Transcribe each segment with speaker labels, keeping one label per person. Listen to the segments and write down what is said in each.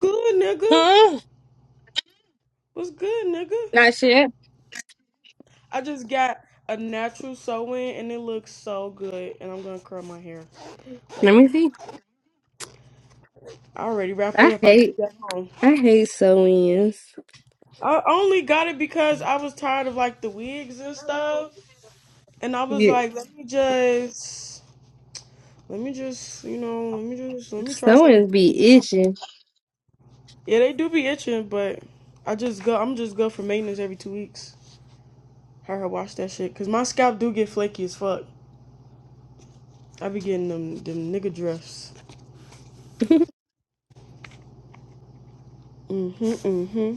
Speaker 1: Good nigga.
Speaker 2: Huh?
Speaker 1: What's good, nigga?
Speaker 2: Not shit.
Speaker 1: I just got a natural sew in and it looks so good. And I'm gonna curl my hair
Speaker 2: Let
Speaker 1: later.
Speaker 2: me see.
Speaker 1: I already wrapped
Speaker 2: I
Speaker 1: it up. I
Speaker 2: hate
Speaker 1: just got home.
Speaker 2: I hate sew-ins.
Speaker 1: I only got it because I was tired of like the wigs and stuff. And I was
Speaker 2: Yeah,
Speaker 1: like, let me just let me just, you know, let me just let me try some
Speaker 2: sew-ins be itching.
Speaker 1: Yeah, they do be itching, but I just go I'm just go for maintenance every two weeks. Have her wash that shit. Cause my scalp do get flaky as fuck. I be getting them them nigga drifts. Mm-hmm, mm-hmm.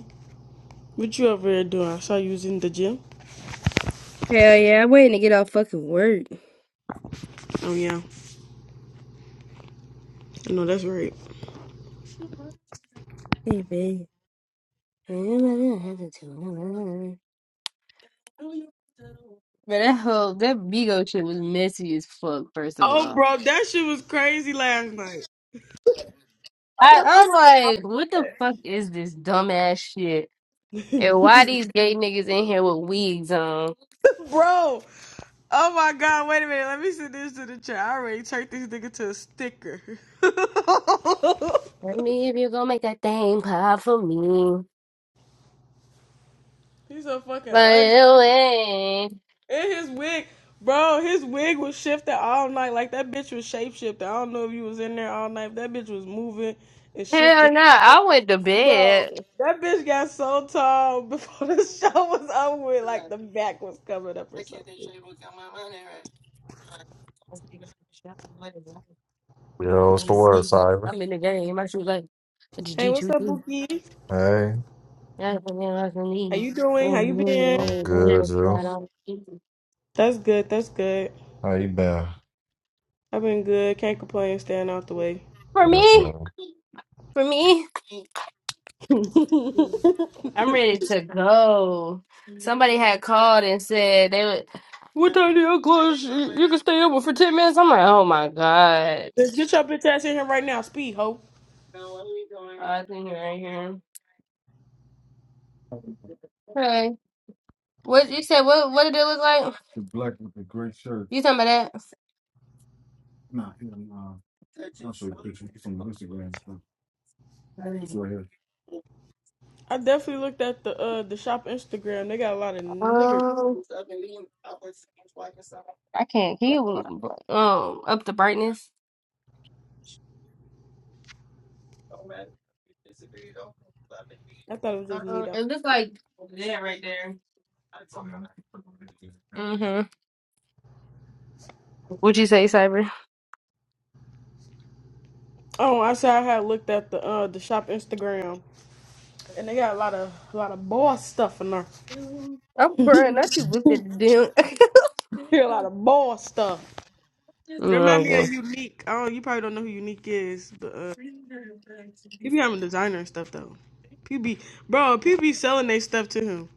Speaker 1: What you over there doing? I saw you was in the gym.
Speaker 2: Hell yeah, I'm waiting to get off fucking work.
Speaker 1: Oh yeah. no, that's right.
Speaker 2: Hey, babe. But that whole that Bigo shit was messy as fuck. First of
Speaker 1: Oh
Speaker 2: all,
Speaker 1: bro, that shit was crazy last night.
Speaker 2: I, I'm like, what the fuck is this dumbass shit? And why these gay niggas in here with wigs on?
Speaker 1: Bro. Oh my god, wait a minute. Let me send this to the chat. I already turned this nigga to a sticker.
Speaker 2: Let me if you gonna make that thing pop for me.
Speaker 1: He's so fucking
Speaker 2: But
Speaker 1: ugly.
Speaker 2: anyway,
Speaker 1: And his wig, bro, his wig was shifted all night. Like that bitch was shape shifted. I don't know if you was in there all night. That bitch was moving and shifted.
Speaker 2: hell no, I went to
Speaker 1: Bro,
Speaker 2: bed.
Speaker 1: that bitch got so tall before the show was over with, like the back was covered up or
Speaker 2: Let
Speaker 1: something.
Speaker 3: Yo, what's
Speaker 2: me
Speaker 3: the word,
Speaker 2: see.
Speaker 3: Cyber?
Speaker 2: I'm in the game. My shoes like, what did
Speaker 1: Hey,
Speaker 2: you
Speaker 1: what's up,
Speaker 2: choose?
Speaker 1: Bookie?
Speaker 3: Hey,
Speaker 2: For
Speaker 1: How
Speaker 2: me,
Speaker 1: you doing? How you been?
Speaker 3: I'm good, Drew.
Speaker 1: That's good, that's good.
Speaker 3: How you been?
Speaker 1: I've been good. Can't complain, staying out the way.
Speaker 2: for me,
Speaker 1: Let's
Speaker 2: I'm ready to go. Somebody had called and said they would. What time do you close? You you can stay over for ten minutes. I'm like, oh my god.
Speaker 1: get your bitch ass in here right now, speed ho.
Speaker 2: Oh, I think you're right here. Okay. What you said? What What did it look like? You talking about that?
Speaker 1: I definitely looked at the uh the shop Instagram. They got a lot of niggers.
Speaker 2: Um, I can't hear. Um, up the brightness.
Speaker 1: I thought it was just me
Speaker 2: Uh,
Speaker 1: though.
Speaker 2: it looks like that right there. hmm What'd you say, Cyber?
Speaker 1: Oh, I said I had looked at the uh the shop Instagram, and they got a lot of a lot of boss stuff in there.
Speaker 2: I'm crying. Not you looked at the damn.
Speaker 1: Hear a lot of ball stuff. It
Speaker 2: no,
Speaker 1: remind me of
Speaker 2: no,
Speaker 1: Unique. I don't, you probably don't know who Unique is, but uh, he be having designer and stuff though. PB, bro, PB selling they stuff to him.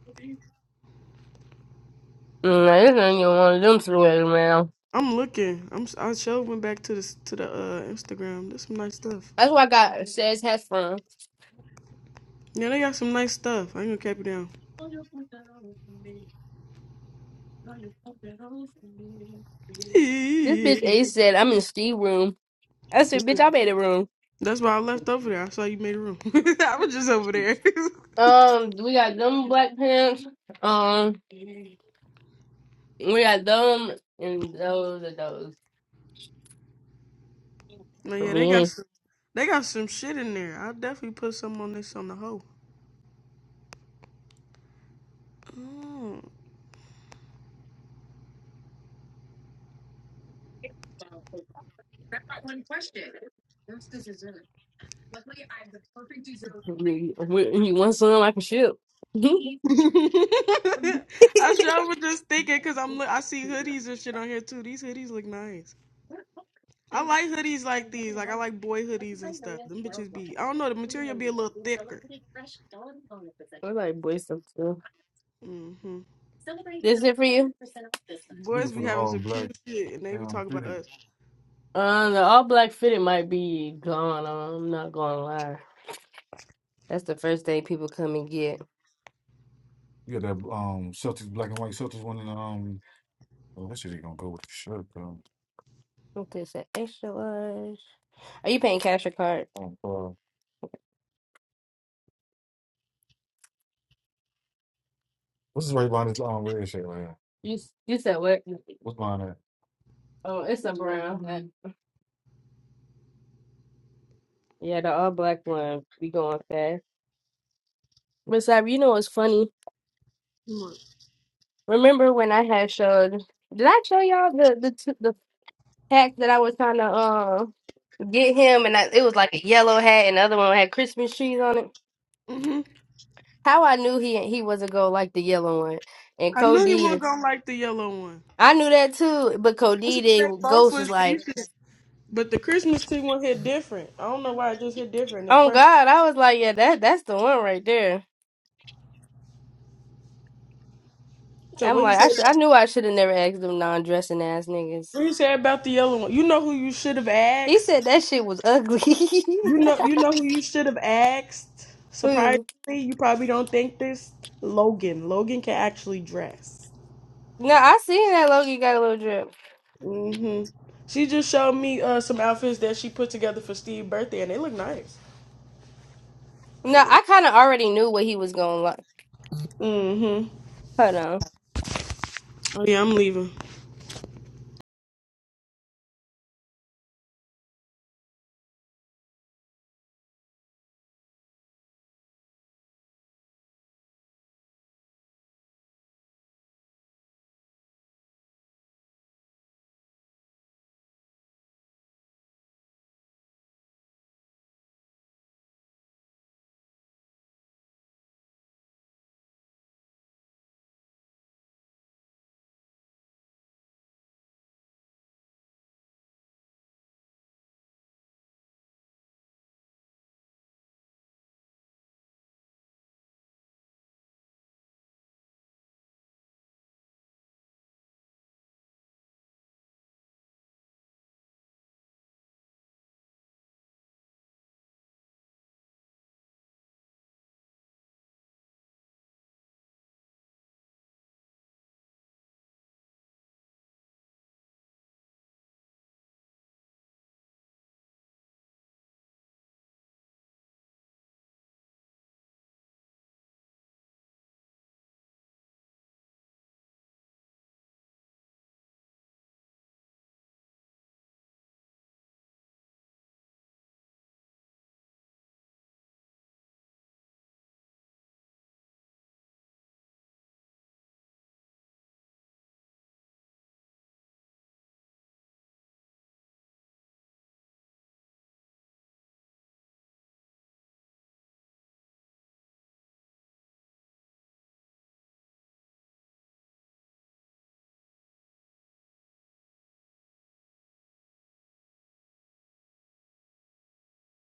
Speaker 2: no, this ain't even one of them sweaters, man.
Speaker 1: I'm looking. I'm. s- I showed went back to the to the uh, Instagram. There's some nice stuff.
Speaker 2: That's why I got says has from.
Speaker 1: Yeah, they got some nice stuff. I ain't gonna cap you down.
Speaker 2: This bitch A said I'm in Steve room. I said,
Speaker 1: Yeah.
Speaker 2: bitch, I made a room.
Speaker 1: That's why I left over there. I saw you made a room. I was just over there.
Speaker 2: Um, we got them black pants. Um, we got them and those and those
Speaker 1: no,
Speaker 2: for
Speaker 1: yeah, they got
Speaker 2: me.
Speaker 1: some. They got some shit in there. I'll definitely put some on this on the hoe. Oh.
Speaker 2: We, we, you want some? I can ship.
Speaker 1: I sure was just thinking because I'm look, I see hoodies and shit on here too. These hoodies look nice. I like hoodies like these. Like I like boy hoodies and stuff. Them bitches be I don't know the material be a little thicker.
Speaker 2: like boy stuff too.
Speaker 1: hmm
Speaker 2: Looking
Speaker 1: Boys
Speaker 2: for
Speaker 1: be
Speaker 2: the
Speaker 1: having
Speaker 2: all
Speaker 1: some
Speaker 2: black
Speaker 1: cute shit and they be
Speaker 2: damn
Speaker 1: talking about
Speaker 2: fitted.
Speaker 1: us.
Speaker 2: Uh, the all black fitted might be gone. I'm not gonna lie. That's the first thing people come and get. You got that um Celtics black and white Celtics one in the um. Oh, that shit ain't gonna go with the shirt though. What this extra large? Are you paying cash or card? Um, uh, what's this right behind this um red shirt right here? You s- you said what? What's behind that? Oh, it's a brown. Yeah, the all black one. We going fast. But Sab, you know what's funny? Remember when I had showed? Did I show y'all the the t- the pack that I was trying to uh get him? And I, it was like a yellow hat, and the other one had Christmas trees on it.
Speaker 1: Mm-hmm.
Speaker 2: How I knew he he wasn't gonna like the yellow one, and
Speaker 1: I knew he
Speaker 2: Cody.
Speaker 1: wasn't gonna like the yellow one.
Speaker 2: I knew that too, but
Speaker 1: I
Speaker 2: Cody
Speaker 1: said they
Speaker 2: did-
Speaker 1: both
Speaker 2: Ghost was
Speaker 1: was
Speaker 2: like,
Speaker 1: decent, but the Christmas tree one hit different. I don't know why it just hit different. It's
Speaker 2: "Oh
Speaker 1: perfect.
Speaker 2: God!" I was like, "Yeah, that that's the one right there."
Speaker 1: So
Speaker 2: I'm
Speaker 1: what he
Speaker 2: like,
Speaker 1: said,
Speaker 2: I should I
Speaker 1: about,
Speaker 2: knew I should have never asked them non-dressing ass niggas.
Speaker 1: what he said about the yellow one. You know who you should have
Speaker 2: He
Speaker 1: asked
Speaker 2: said that shit was ugly.
Speaker 1: You know, you know who you should have asked. Surprisingly,
Speaker 2: Ooh.
Speaker 1: you probably don't think this. Logan. Logan can actually dress.
Speaker 2: No, I seen that Logan got a little drip.
Speaker 1: hmm She just showed me uh, some outfits that she put together for Steve's birthday, and they look nice.
Speaker 2: No,
Speaker 1: Like,
Speaker 2: I kind of already knew what he was going to like.
Speaker 1: mm-hmm.
Speaker 2: Hold on.
Speaker 1: Oh yeah, I'm leaving.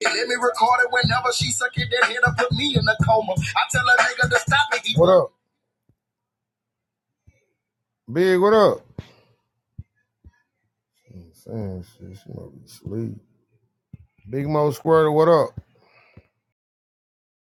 Speaker 4: Let me record it whenever she suck it, then hit her, put me in a coma. I tell a nigga to stop it. What up? Big, what up? I'm Saying shit, she might be asleep. Big Mo Squirtle, what up?